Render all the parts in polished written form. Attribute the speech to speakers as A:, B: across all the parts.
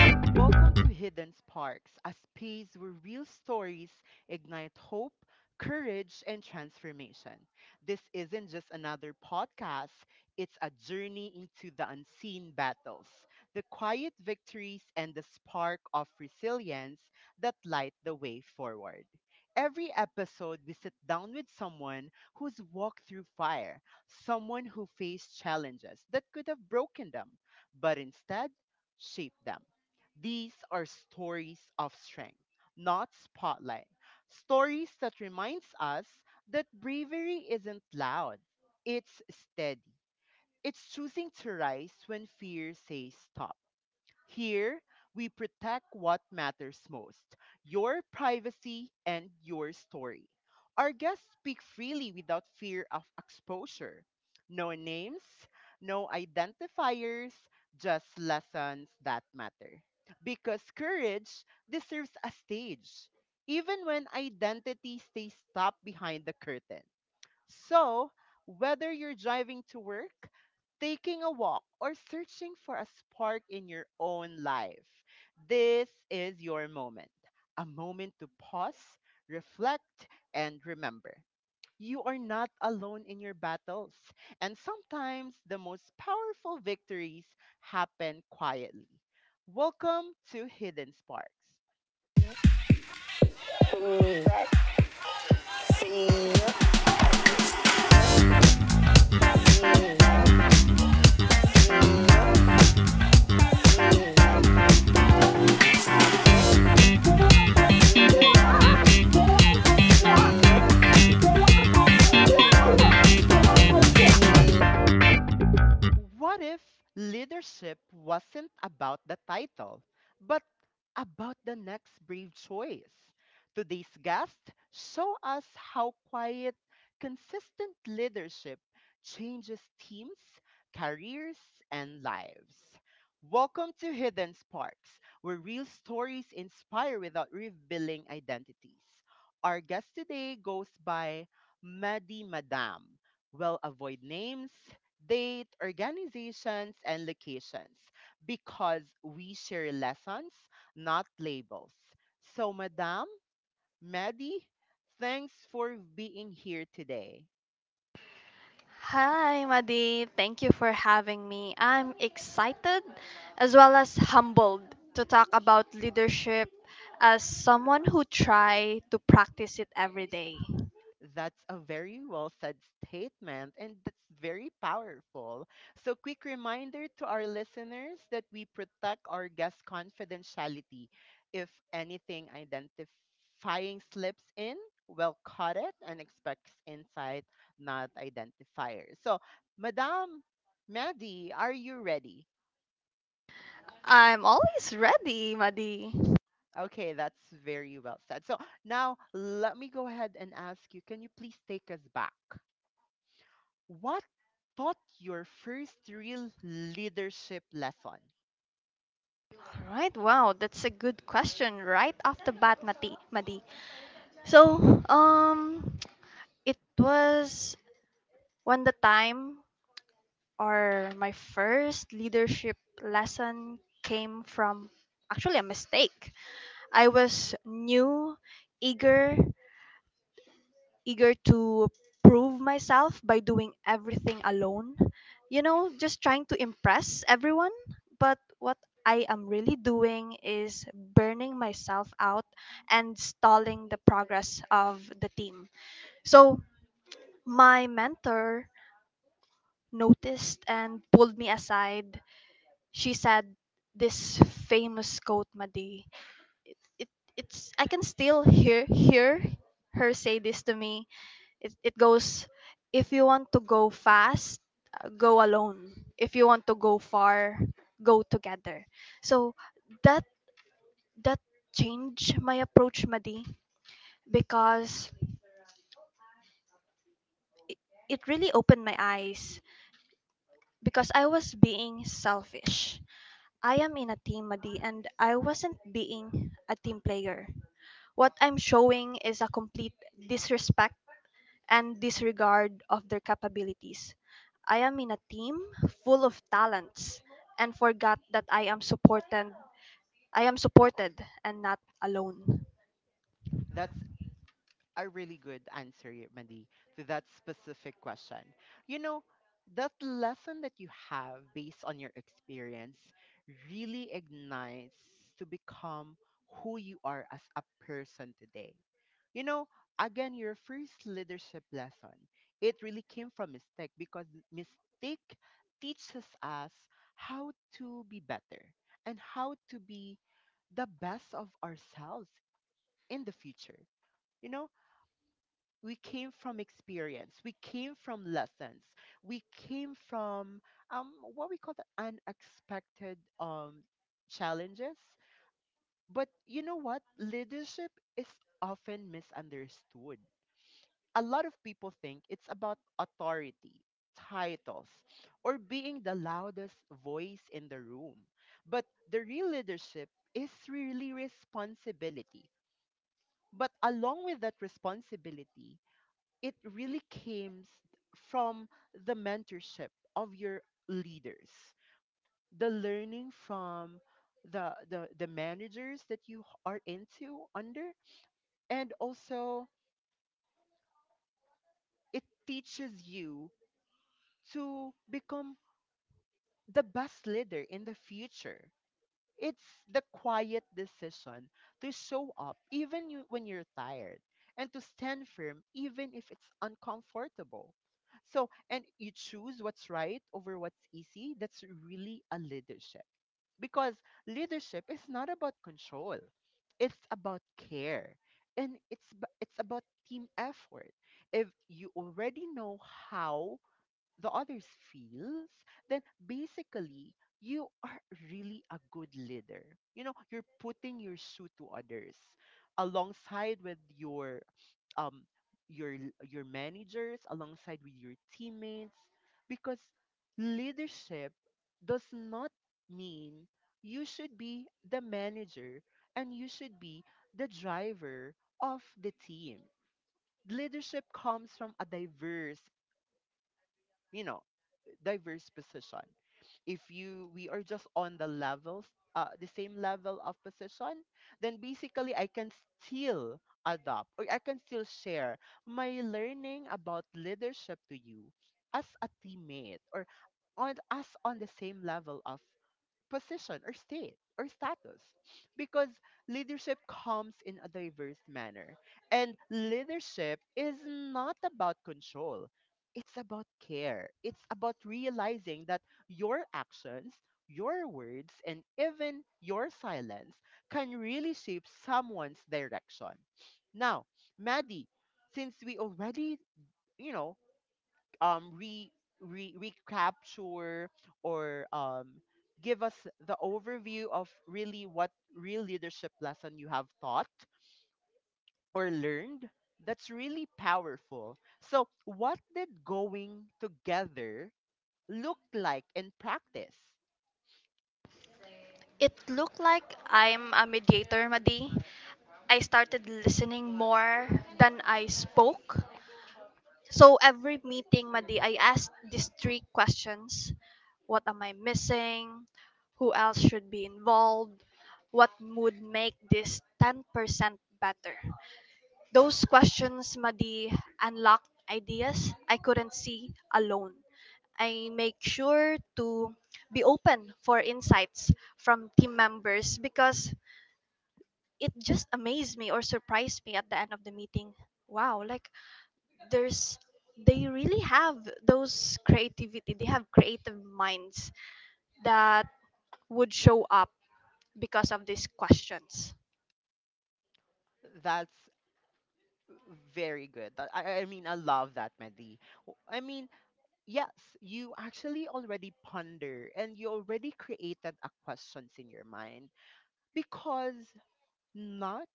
A: Welcome to Hidden Sparks, a space where real stories ignite hope, courage, and transformation. This isn't just another podcast, it's a journey into the unseen battles, the quiet victories, and the spark of resilience that light the way forward. Every episode, we sit down with someone who's walked through fire, someone who faced challenges that could have broken them, but instead shaped them, these are stories of strength, not spotlight. Stories that reminds us that bravery isn't loud. It's steady. It's choosing to rise when fear says stop. Here, we protect what matters most, your privacy and your story. Our guests speak freely without fear of exposure. No names, no identifiers, just lessons that matter. Because courage deserves a stage, even when identity stays trapped behind the curtain. So, whether you're driving to work, taking a walk, or searching for a spark in your own life, this is your moment. A moment to pause, reflect, and remember. You are not alone in your battles, and sometimes the most powerful victories happen quietly. Welcome to Hidden Sparks. What if leadership wasn't about the title, but about the next brave choice? Today's guest show us how quiet, consistent leadership changes teams, careers, and lives. Welcome to Hidden Sparks, where real stories inspire without revealing identities. Our guest today goes by Maddie Madame. We'll avoid names, date, organizations, and locations because we share lessons, not labels. So, Madam, Maddie, thanks for being here today.
B: Hi, Madi. Thank you for having me. I'm excited as well as humbled to talk about leadership as someone who try to practice it every day.
A: That's a very well said statement, and that's very powerful. So, quick reminder to our listeners that we protect our guest confidentiality. If anything identifying slips in, we'll cut it and expects insight, not identifier. So, Madame Maddie, are you ready?
B: I'm always ready, Madi.
A: Okay, that's very well said. So, now let me go ahead and ask you, can you please take us back? What taught your first real leadership lesson?
B: Right, wow, that's a good question right off the bat, Mati, Madi. So, it was when the time or my first leadership lesson came from actually a mistake. I was new, eager, eager to prove myself by doing everything alone. You know, just trying to impress everyone. But what I am really doing is burning myself out and stalling the progress of the team. So, my mentor noticed and pulled me aside. She said this famous quote, Madi. it, it's I can still hear her say this to me. It goes, if you want to go fast, go alone. If you want to go far, go together. So that that changed my approach, Madi, because it, it really opened my eyes because I was being selfish. I am in a team, Madi, and I wasn't being a team player. What I'm showing is a complete disrespect and disregard of their capabilities. I am in a team full of talents and forgot that I am supported and not alone.
A: That's a really good answer, Mandy, to that specific question. You know, that lesson that you have based on your experience really ignites to become who you are as a person today. You know, again, your first leadership lesson, it really came from mistake, because mistake teaches us how to be better and how to be the best of ourselves in the future. You know, we came from experience, we came from lessons, we came from what we call the unexpected challenges. But you know what, leadership is often misunderstood. A lot of people think it's about authority, titles, or being the loudest voice in the room, but the real leadership is really responsibility. But along with that responsibility, it really came from the mentorship of your leaders, the learning from the managers that you are into under, and also it teaches you to become the best leader in the future. It's the quiet decision to show up even when you're tired, and to stand firm even if it's uncomfortable. So, and you choose what's right over what's easy. That's really a leadership. Because leadership is not about control. It's about care, and it's about team effort. If you already know how the others feels, then basically you are really a good leader. You know, you're putting your shoe to others alongside with your um your managers, alongside with your teammates, because leadership does not mean you should be the manager and you should be the driver of the team. Leadership comes from a diverse, you know, diverse position. If you we are just on the levels, the same level of position, then basically I can still adopt, or I can still share my learning about leadership to you as a teammate, or on, as on the same level of position or state or status, because leadership comes in a diverse manner, and leadership is not about control, it's about care, it's about realizing that your actions, your words, and even your silence can really shape someone's direction. Now, Maddie, since we already, you know, re, re recapture, or give us the overview of really what real leadership lesson you have taught or learned, that's really powerful. So what did going together look like in practice?
B: It looked like I'm a mediator, Madi. I started listening more than I spoke. So every meeting, Madi, I asked these three questions. What am I missing? Who else should be involved? What would make this 10% better? Those questions, Madi, unlocked ideas I couldn't see alone. I make sure to be open for insights from team members because it just amazed me or surprised me at the end of the meeting. Wow, like there's they really have those creativity, they have creative minds that would show up because of these questions.
A: That's very good. I mean, I love that, Mehdi. I mean, yes, you actually already ponder and you already created a questions in your mind, because not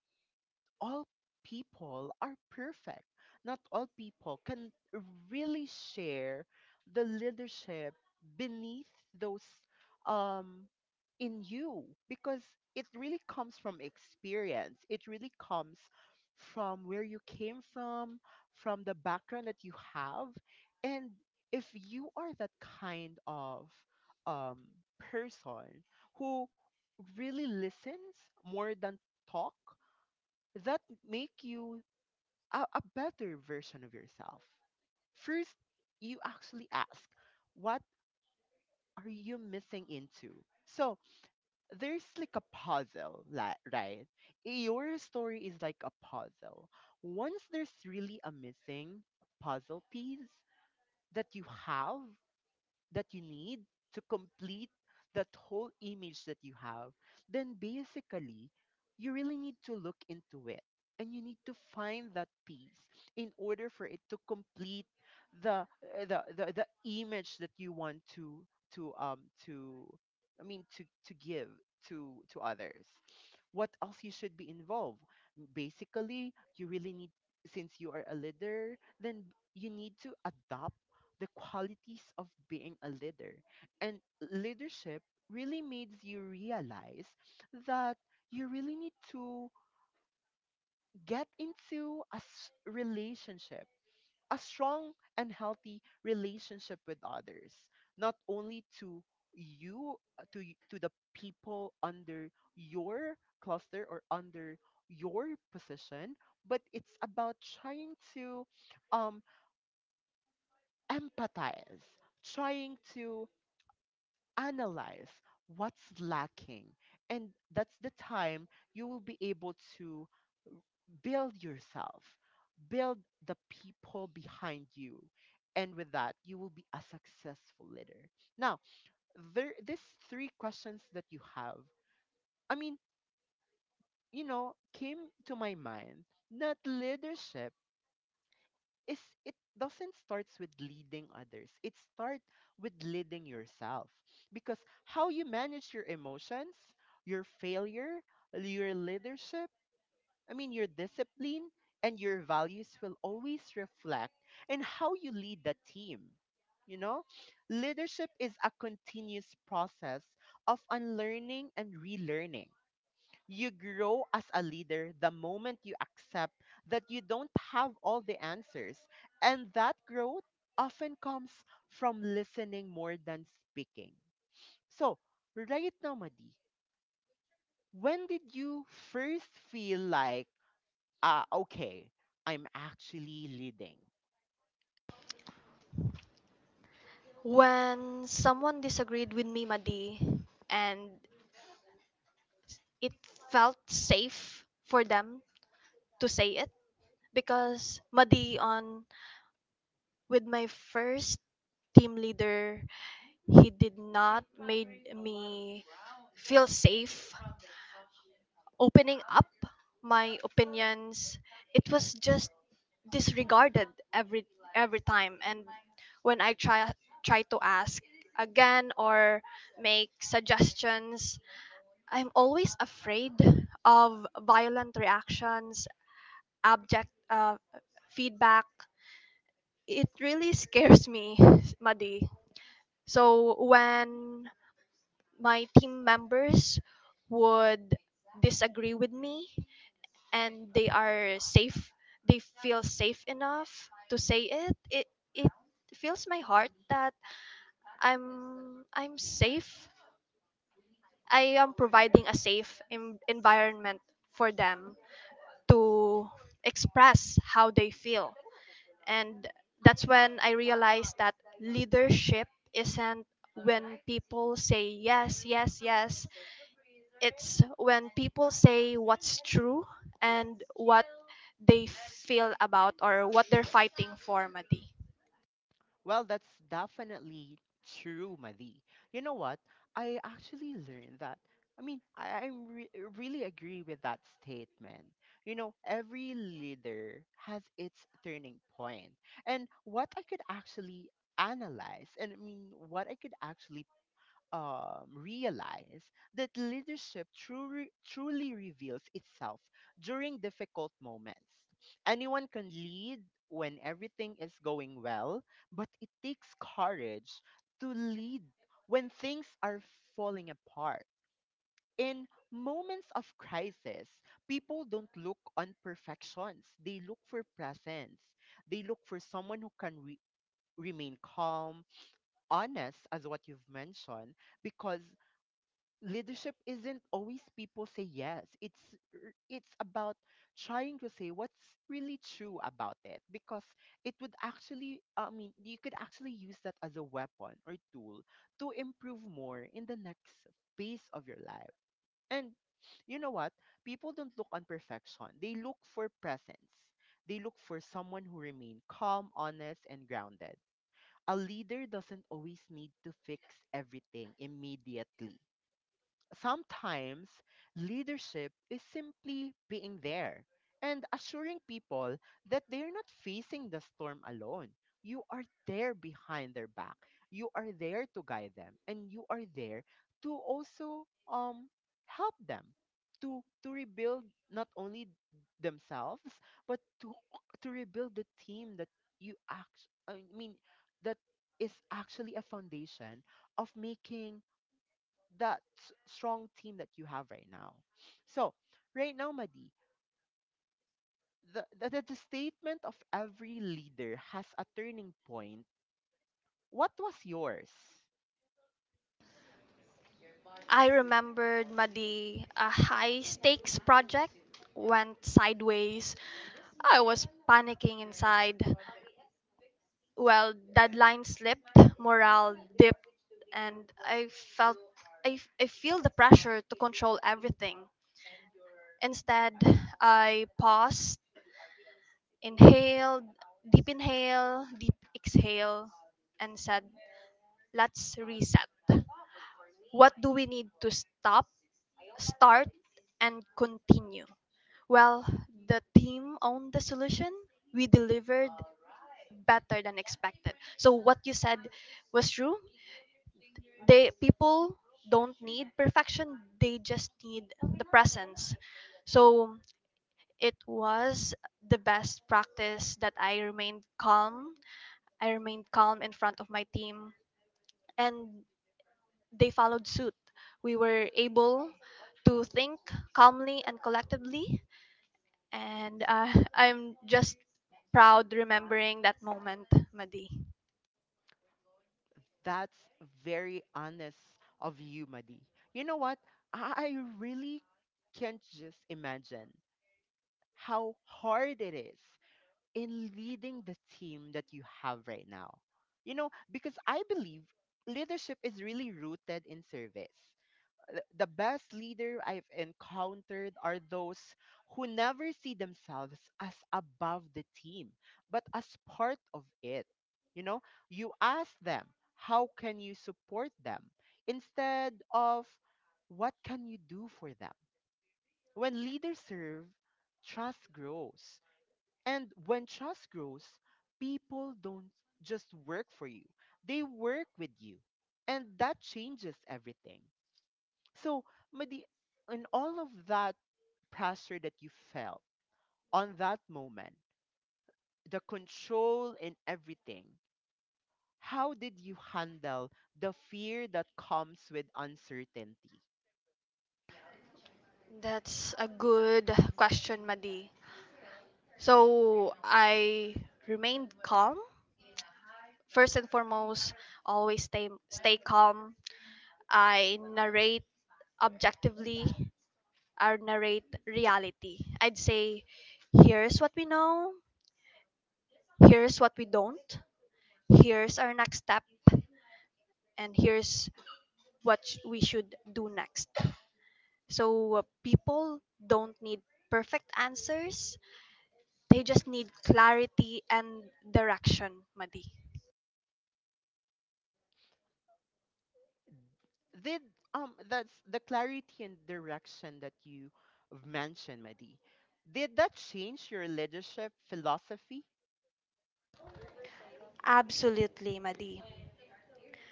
A: all people are perfect. Not all people can really share the leadership beneath those um in you, because it really comes from experience. It really comes from where you came from the background that you have. And if you are that kind of um person who really listens more than talk, that make you a better version of yourself. First, you actually ask, what are you missing into? So there's like a puzzle, like, right? Your story is like a puzzle. Once there's really a missing puzzle piece that you have, that you need to complete that whole image that you have, then basically you really need to look into it, and you need to find that piece in order for it to complete the uh, the image that you want to to, I mean, to give to others. What else you should be involved? Basically, you really need, since you are a leader, then you need to adopt the qualities of being a leader. And leadership really makes you realize that you really need to get into relationship, a strong and healthy relationship with others, not only to you to the people under your cluster or under your position, but it's about trying to um empathize, trying to analyze what's lacking. And that's the time you will be able to build yourself, build the people behind you. And with that, you will be a successful leader. Now, there these three questions that you have, I mean, you know, came to my mind that leadership is, it doesn't starts with leading others, it starts with leading yourself, because how you manage your emotions, your failure, your leadership I mean your discipline and your values will always reflect in how you lead the team. You know, leadership is a continuous process of unlearning and relearning. You grow as a leader the moment you accept that you don't have all the answers. And that growth often comes from listening more than speaking. So, right now, Madi, when did you first feel like, ah, okay, I'm actually leading?
B: When someone disagreed with me, Madi, and it felt safe for them to say it. Because, Madi, on with my first team leader, he did not made me feel safe opening up my opinions. It was just disregarded every time, and when I try to ask again or make suggestions, I'm always afraid of violent reactions, abject feedback. It really scares me, Madi. So when my team members would disagree with me and they are safe, they feel safe enough to say it. It fills my heart that I'm safe. I am providing a safe environment for them to express how they feel. And that's when I realized that leadership isn't when people say yes, yes, yes. It's when people say what's true and what they feel about or what they're fighting for, Madi.
A: Well, that's definitely true, Madi. You know what? I actually learned that. I mean, really agree with that statement. You know, every leader has its turning point. And what I could actually analyze, and I mean, what I could actually realize, that leadership truly, truly reveals itself during difficult moments. Anyone can lead when everything is going well, but it takes courage to lead when things are falling apart. In moments of crisis, people don't look on perfections. They look for presence. They look for someone who can remain calm, honest, as what you've mentioned, because leadership isn't always people say yes, it's about trying to say what's really true about it, because it would actually, I mean, you could actually use that as a weapon or tool to improve more in the next phase of your life. And you know what, people don't look on perfection, they look for presence, they look for someone who remain calm, honest, and grounded. A leader doesn't always need to fix everything immediately. Sometimes leadership is simply being there and assuring people that they're not facing the storm alone. You are there behind their back. You are there to guide them, and you are there to also um help them to rebuild not only themselves, but to rebuild the team that you act I mean that is actually a foundation of making strong team that you have right now. So, right now, Madi, the statement of every leader has a turning point. What was yours?
B: I remembered, Madi, a high stakes project went sideways. I was panicking inside. Well, deadline slipped, morale dipped, and I felt I, f- I feel the pressure to control everything. Instead, I paused, inhaled, deep inhale, deep exhale, and said, let's reset. What do we need to stop, start, and continue? Well, the team owned the solution. We delivered better than expected. So, what you said was true. They People don't need perfection, they just need the presence. So it was the best practice that I remained calm in front of my team, and they followed suit. We were able to think calmly and collectively, and I'm just proud remembering that moment, Madi.
A: That's very honest of you, Madi. You know what? I really can't just imagine how hard it is in leading the team that you have right now. You know, because I believe leadership is really rooted in service. The best leader I've encountered are those who never see themselves as above the team, but as part of it. You know, you ask them, how can you support them? Instead of what can you do for them? When leaders serve, trust grows. And when trust grows, people don't just work for you, they work with you. And that changes everything. So, Madi, in all of that pressure that you felt on that moment, the control and everything, how did you handle the fear that comes with uncertainty?
B: That's a good question, Madi. So I remained calm. First and foremost, always stay calm. I narrate objectively or narrate reality. I'd say here's what we know, here's what we don't, here's our next step, and here's what we should do next. So, people don't need perfect answers. They just need clarity and direction, Madi.
A: Did that's the clarity and direction that you mentioned, Madi. Did that change your leadership philosophy?
B: Absolutely, Madi.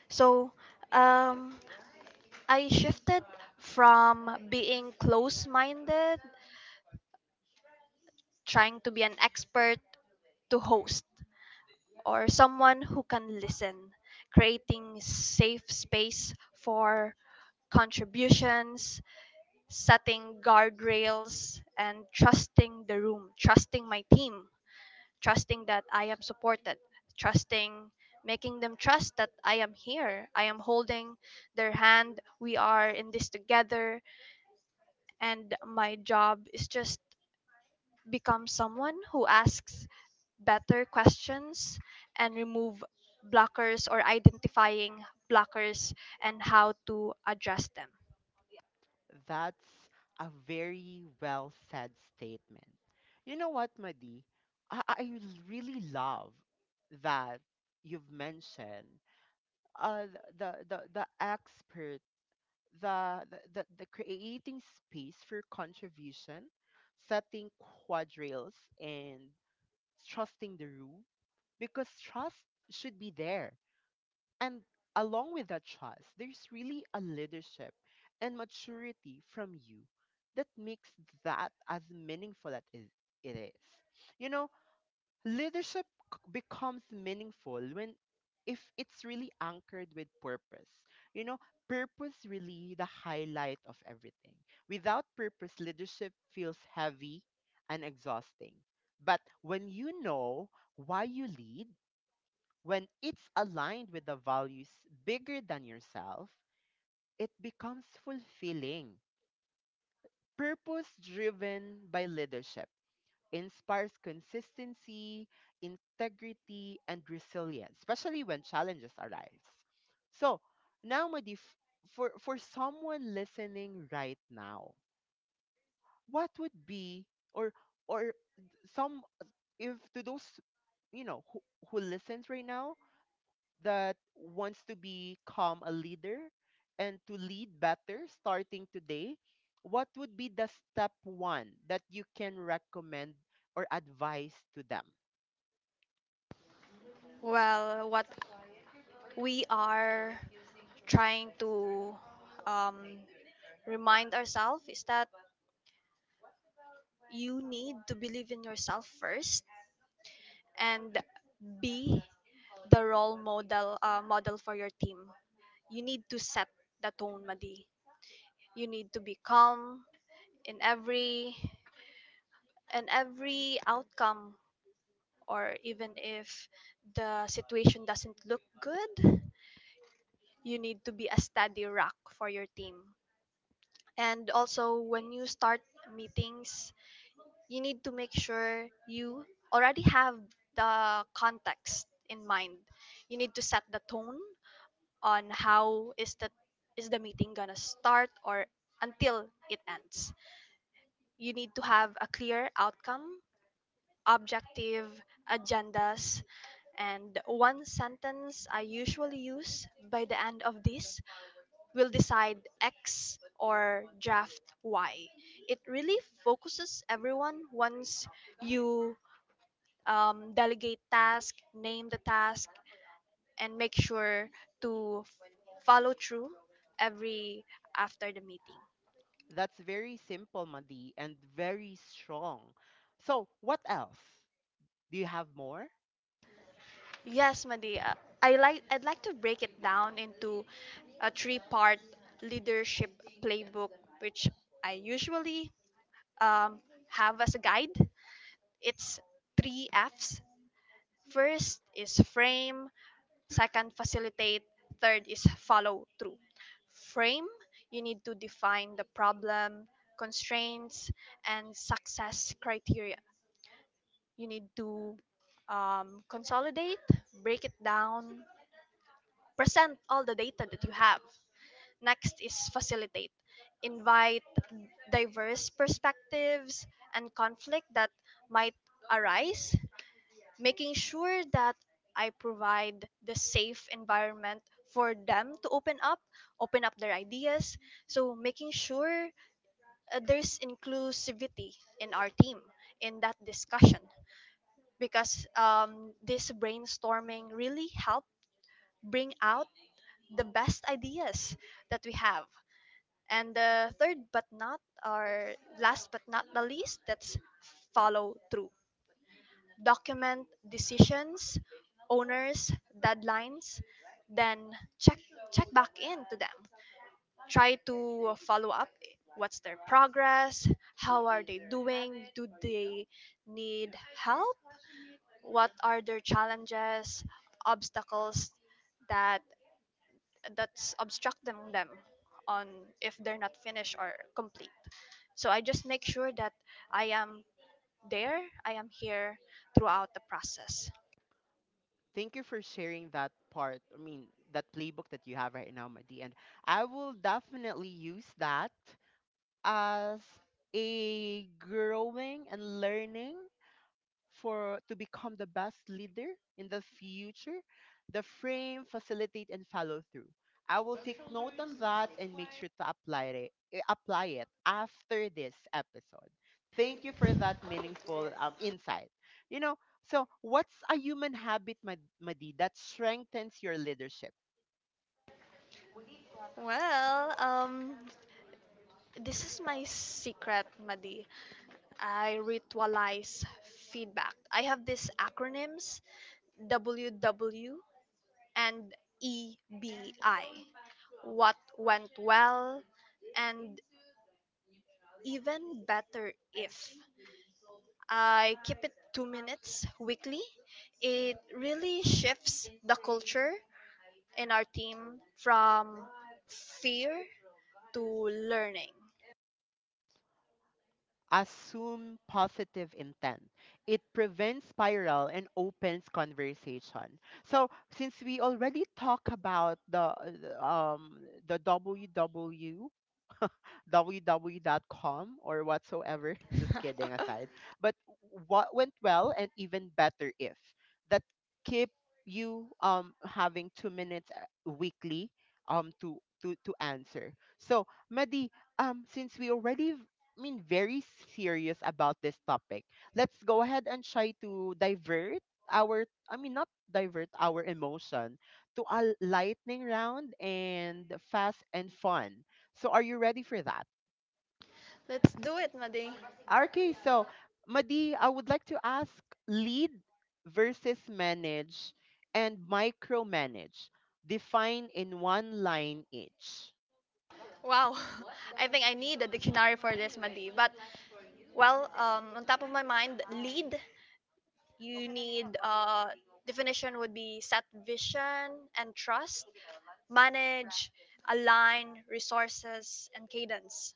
B: So, um, I shifted from being close minded, trying to be an expert, to host, or someone who can listen, creating safe space for contributions, setting guardrails, and trusting the room, trusting my team, trusting that I am supported, trusting making them trust that I am here. I am holding their hand. We are in this together, and my job is just become someone who asks better questions and remove blockers, or identifying blockers and how to address them.
A: That's a very well said statement. You know what, Madi? I really love that you've mentioned uh, th- the expert, the creating space for contribution, setting quadrilles, and trusting the room, because trust should be there, and along with that trust, there's really a leadership and maturity from you that makes that as meaningful as it is. You know, leadership becomes meaningful when if it's really anchored with purpose. You know, purpose really the highlight of everything. Without purpose, leadership feels heavy and exhausting. But when you know why you lead, when it's aligned with the values bigger than yourself, it becomes fulfilling. Purpose driven by leadership inspires consistency, integrity, and resilience, especially when challenges arise. So, now, Madif, for someone listening right now, what would be, or, or some, if to those, you know, who, who listens right now, that wants to become a leader and to lead better starting today, what would be the step one that you can recommend or advise to them?
B: Well, what we are trying to um, remind ourselves is that you need to believe in yourself first and be the role model, for your team. You need to set the tone, Madi. You need to be calm in every in every outcome, or even if the situation doesn't look good, you need to be a steady rock for your team. And also, when you start meetings, you need to make sure you already have the context in mind. You need to set the tone on how is the meeting gonna start or until it ends. You need to have a clear outcome, objective, agendas, and one sentence I usually use: by the end of this will decide X or draft Y. It really focuses everyone once you delegate task, name the task, and make sure to follow through every after the meeting.
A: That's very simple, Madi, and very strong. So, what else? Do you have more?
B: Yes, Madi. I'd like to break it down into a three-part leadership playbook, which I usually um, have as a guide. It's three F's. First is frame. Second, facilitate. Third is follow through. Frame. You need to define the problem, constraints, and success criteria. You need to consolidate, break it down, present all the data that you have. Next is facilitate. Invite diverse perspectives and conflict that might arise, making sure that I provide the safe environment for them to open up their ideas. So, making sure there's inclusivity in our team in that discussion, because this brainstorming really helped bring out the best ideas that we have. And the third, but not, or last but not the least, that's follow through. Document decisions, owners, deadlines, then check check back in to them. Try to follow up what's their progress, how are they doing, do they need help, what are their challenges, obstacles that that's obstructing them on if they're not finished or complete. So I just make sure that I am there, I am here throughout the process.
A: Thank you for sharing that part. I mean, that playbook that you have right now, Madi. And I will definitely use that as a growing and learning for to become the best leader in the future, the frame, facilitate, and follow through. I will take note on that and make sure to apply it, apply it after this episode. Thank you for that meaningful insight, you know. So what's a human habit Madi that strengthens your leadership?
B: Well, this is my secret, Madi. I ritualize feedback. I have these acronyms, W W and EBI. What went well and even better if. I keep it 2 minutes weekly. It really shifts the culture in our team from fear to learning.
A: Assume positive intent. It prevents spiral and opens conversation. So since we already talk about uh, um the WW w ww.com or whatsoever. Just kidding aside. But what went well and even better if, that keep you having 2 minutes weekly to answer. So Medi, since we already I mean very serious about this topic, let's go ahead and try to divert our, I mean, not divert our emotion to a lightning round and fast and fun. So are you ready for that?
B: Let's do it, Madi.
A: Okay, so Madi, I would like to ask lead versus manage and micromanage. Define in one line each.
B: Wow, I think I need a dictionary for this, Madi. But, well, on top of my mind, lead. You need, definition would be set vision and trust. Manage, align resources and cadence.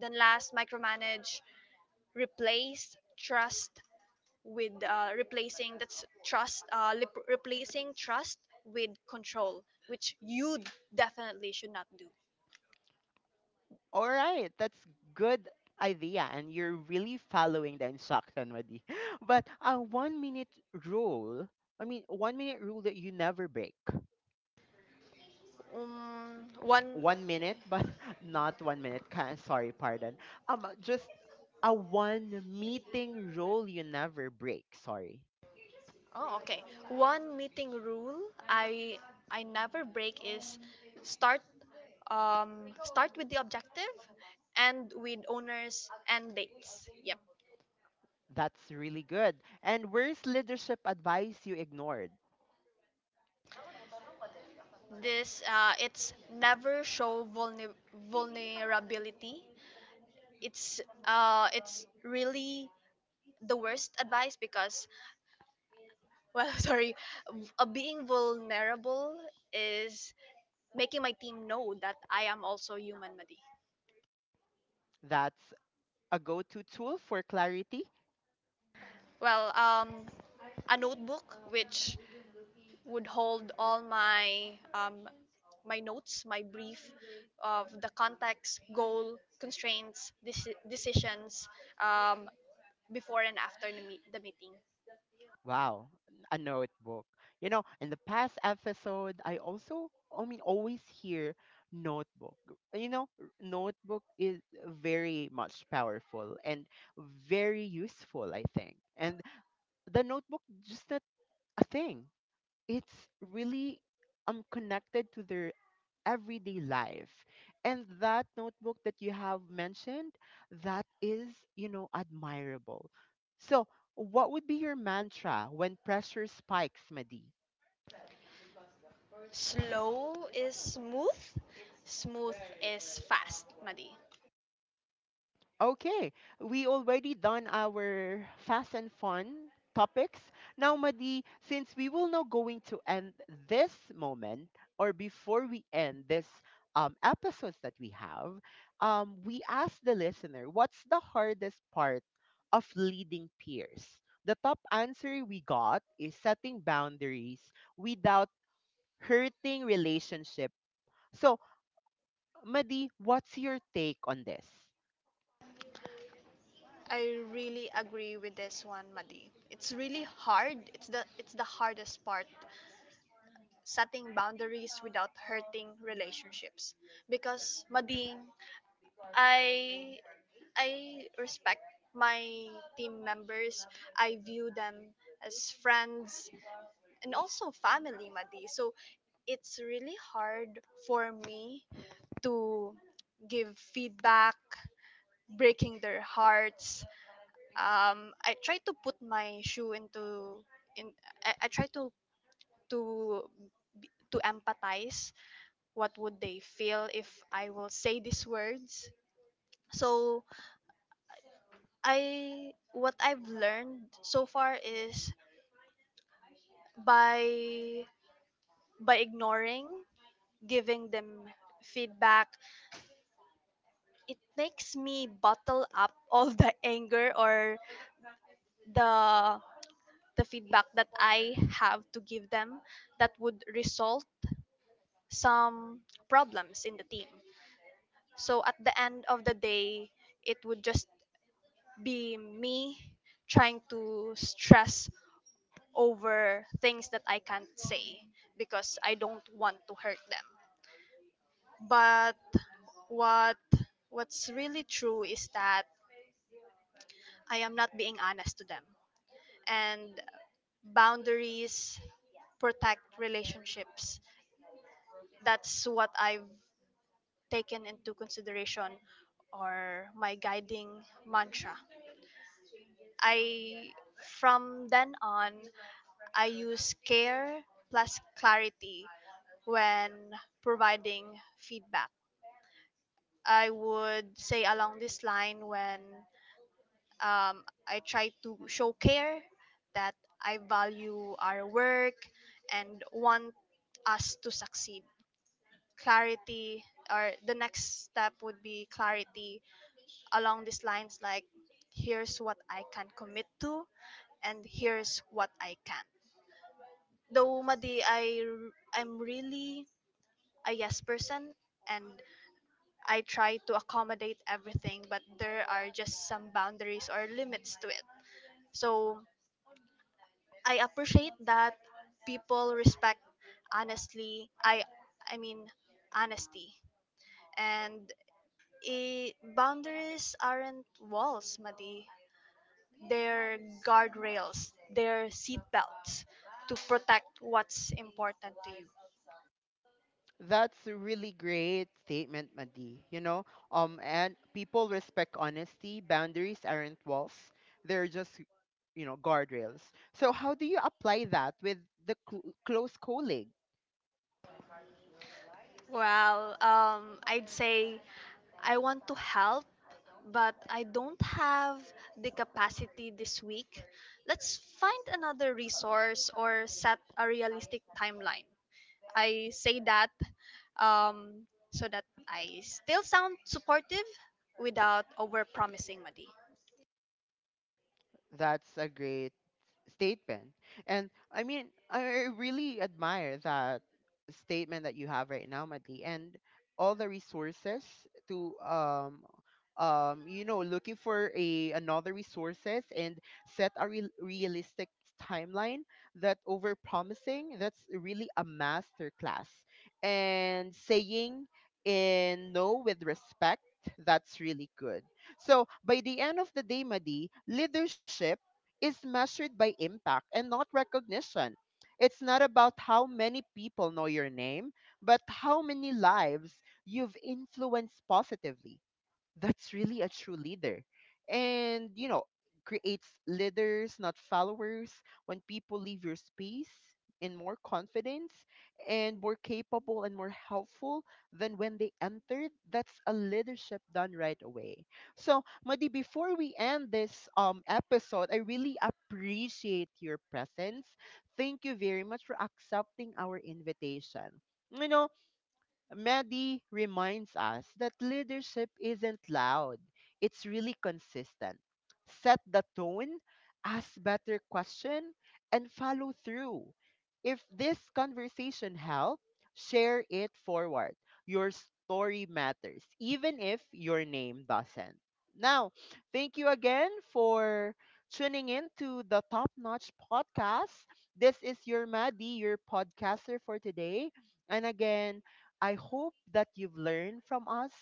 B: Then last, micromanage, replace trust with replacing trust with control, which you definitely should not do.
A: All right, that's good idea and you're really following the instruction, Madi. But a 1 minute rule, I mean 1 minute rule that you never break.
B: One,
A: 1 minute, but not 1 minute. Can sorry, pardon. Just a one meeting rule you never break. Sorry,
B: oh, okay. One meeting rule I I never break is start start with the objective and with owners and dates. Yep.
A: that's really good. And where's leadership advice you ignored?
B: This, it's never show vulnerability. It's uh it's really the worst advice, because, well, sorry, being vulnerable is making my team know that I am also human, Madi.
A: That's a go-to tool for clarity.
B: Well, a notebook, which would hold all my my notes, my brief of the context, goal, constraints, decisions um before and after the meeting.
A: Wow, a notebook. You know, in the past episode, I also, I mean, always hear notebook. You know, notebook is very much powerful and very useful, I think. And the notebook just not a thing. It's really connected to their everyday life. And that notebook that you have mentioned, that is, you know, admirable. So what would be your mantra when pressure spikes, Madi?
B: Slow is smooth, smooth is fast, Madi.
A: Okay, we already done our fast and fun topics. Now, Madi, since we will now going to end this moment or before we end this episodes that we have, we ask the listener, what's the hardest part of leading peers? The top answer we got is setting boundaries without hurting relationship. So, Madi, what's your take on this?
B: I really agree with this one, Madi. It's really hard. It's the hardest part, setting boundaries without hurting relationships. Because, Madi, I I respect my team members. I view them as friends and also family, Madi. So it's really hard for me to give feedback, breaking their hearts. I try to put my shoe into in. I try to to empathize. What would they feel if I will say these words? So I what I've learned so far is, by by ignoring, giving them feedback, it makes me bottle up all the anger, or the the feedback that I have to give them, that would result some problems in the team. So at the end of the day, it would just be me trying to stress over things that I can't say because I don't want to hurt them. But what what's really true is that I am not being honest to them. And boundaries protect relationships. That's what I've taken into consideration, or my guiding mantra. I From then on, I use care plus clarity when providing feedback. I would say along this line, when, I try to show care, that I value our work and want us to succeed. Clarity, or the next step would be clarity, along these lines like, here's what I can commit to and here's what I can't. Though, Madi, I'm really a yes person, and I try to accommodate everything, but there are just some boundaries or limits to it. So I appreciate that people respect honestly. I mean honesty, and I boundaries aren't walls, Madi. Their guardrails, their seatbelts to protect what's important to you.
A: That's a really great statement, Madi. You know, and people respect honesty. Boundaries aren't walls; they're just, you know, guardrails. So, how do you apply that with the close colleagues?
B: Well, I'd say I want to help, but I don't have the capacity this week. Let's find another resource or set a realistic timeline. I say that, um, so that I still sound supportive without overpromising, Madi.
A: That's a great statement. And I mean, I really admire that statement that you have right now, Madly, and all the resources to you know looking for a another resources and set a realistic timeline that over promising. That's really a master class and saying in no with respect. That's really good. So by the end of the day, Madi, leadership is measured by impact and not recognition. It's not about how many people know your name, but how many lives you've influenced positively. That's really a true leader. And, you know, creates leaders, not followers. When people leave your space in more confidence and more capable and more helpful than when they entered, that's a leadership done right away. So, Madi, before we end this episode, I really appreciate your presence. Thank you very much for accepting our invitation. You know, Mehdi reminds us that leadership isn't loud, it's really consistent. Set the tone, ask better question, and follow through. If this conversation helped, share it forward. Your story matters, even if your name doesn't. Now, thank you again for tuning in to the Top Notch Podcast. This is your Maddie, your podcaster for today. And again, I hope that you've learned from us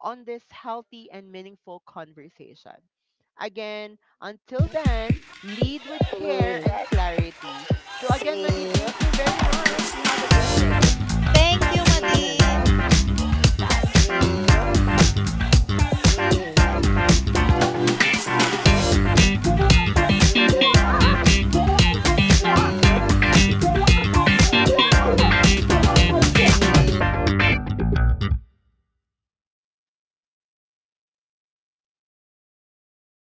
A: on this healthy and meaningful conversation. Again, until then, lead with care and clarity. So, again, Madi, thank you very much. You have a great day.
B: Thank you, Madi.
A: Bye.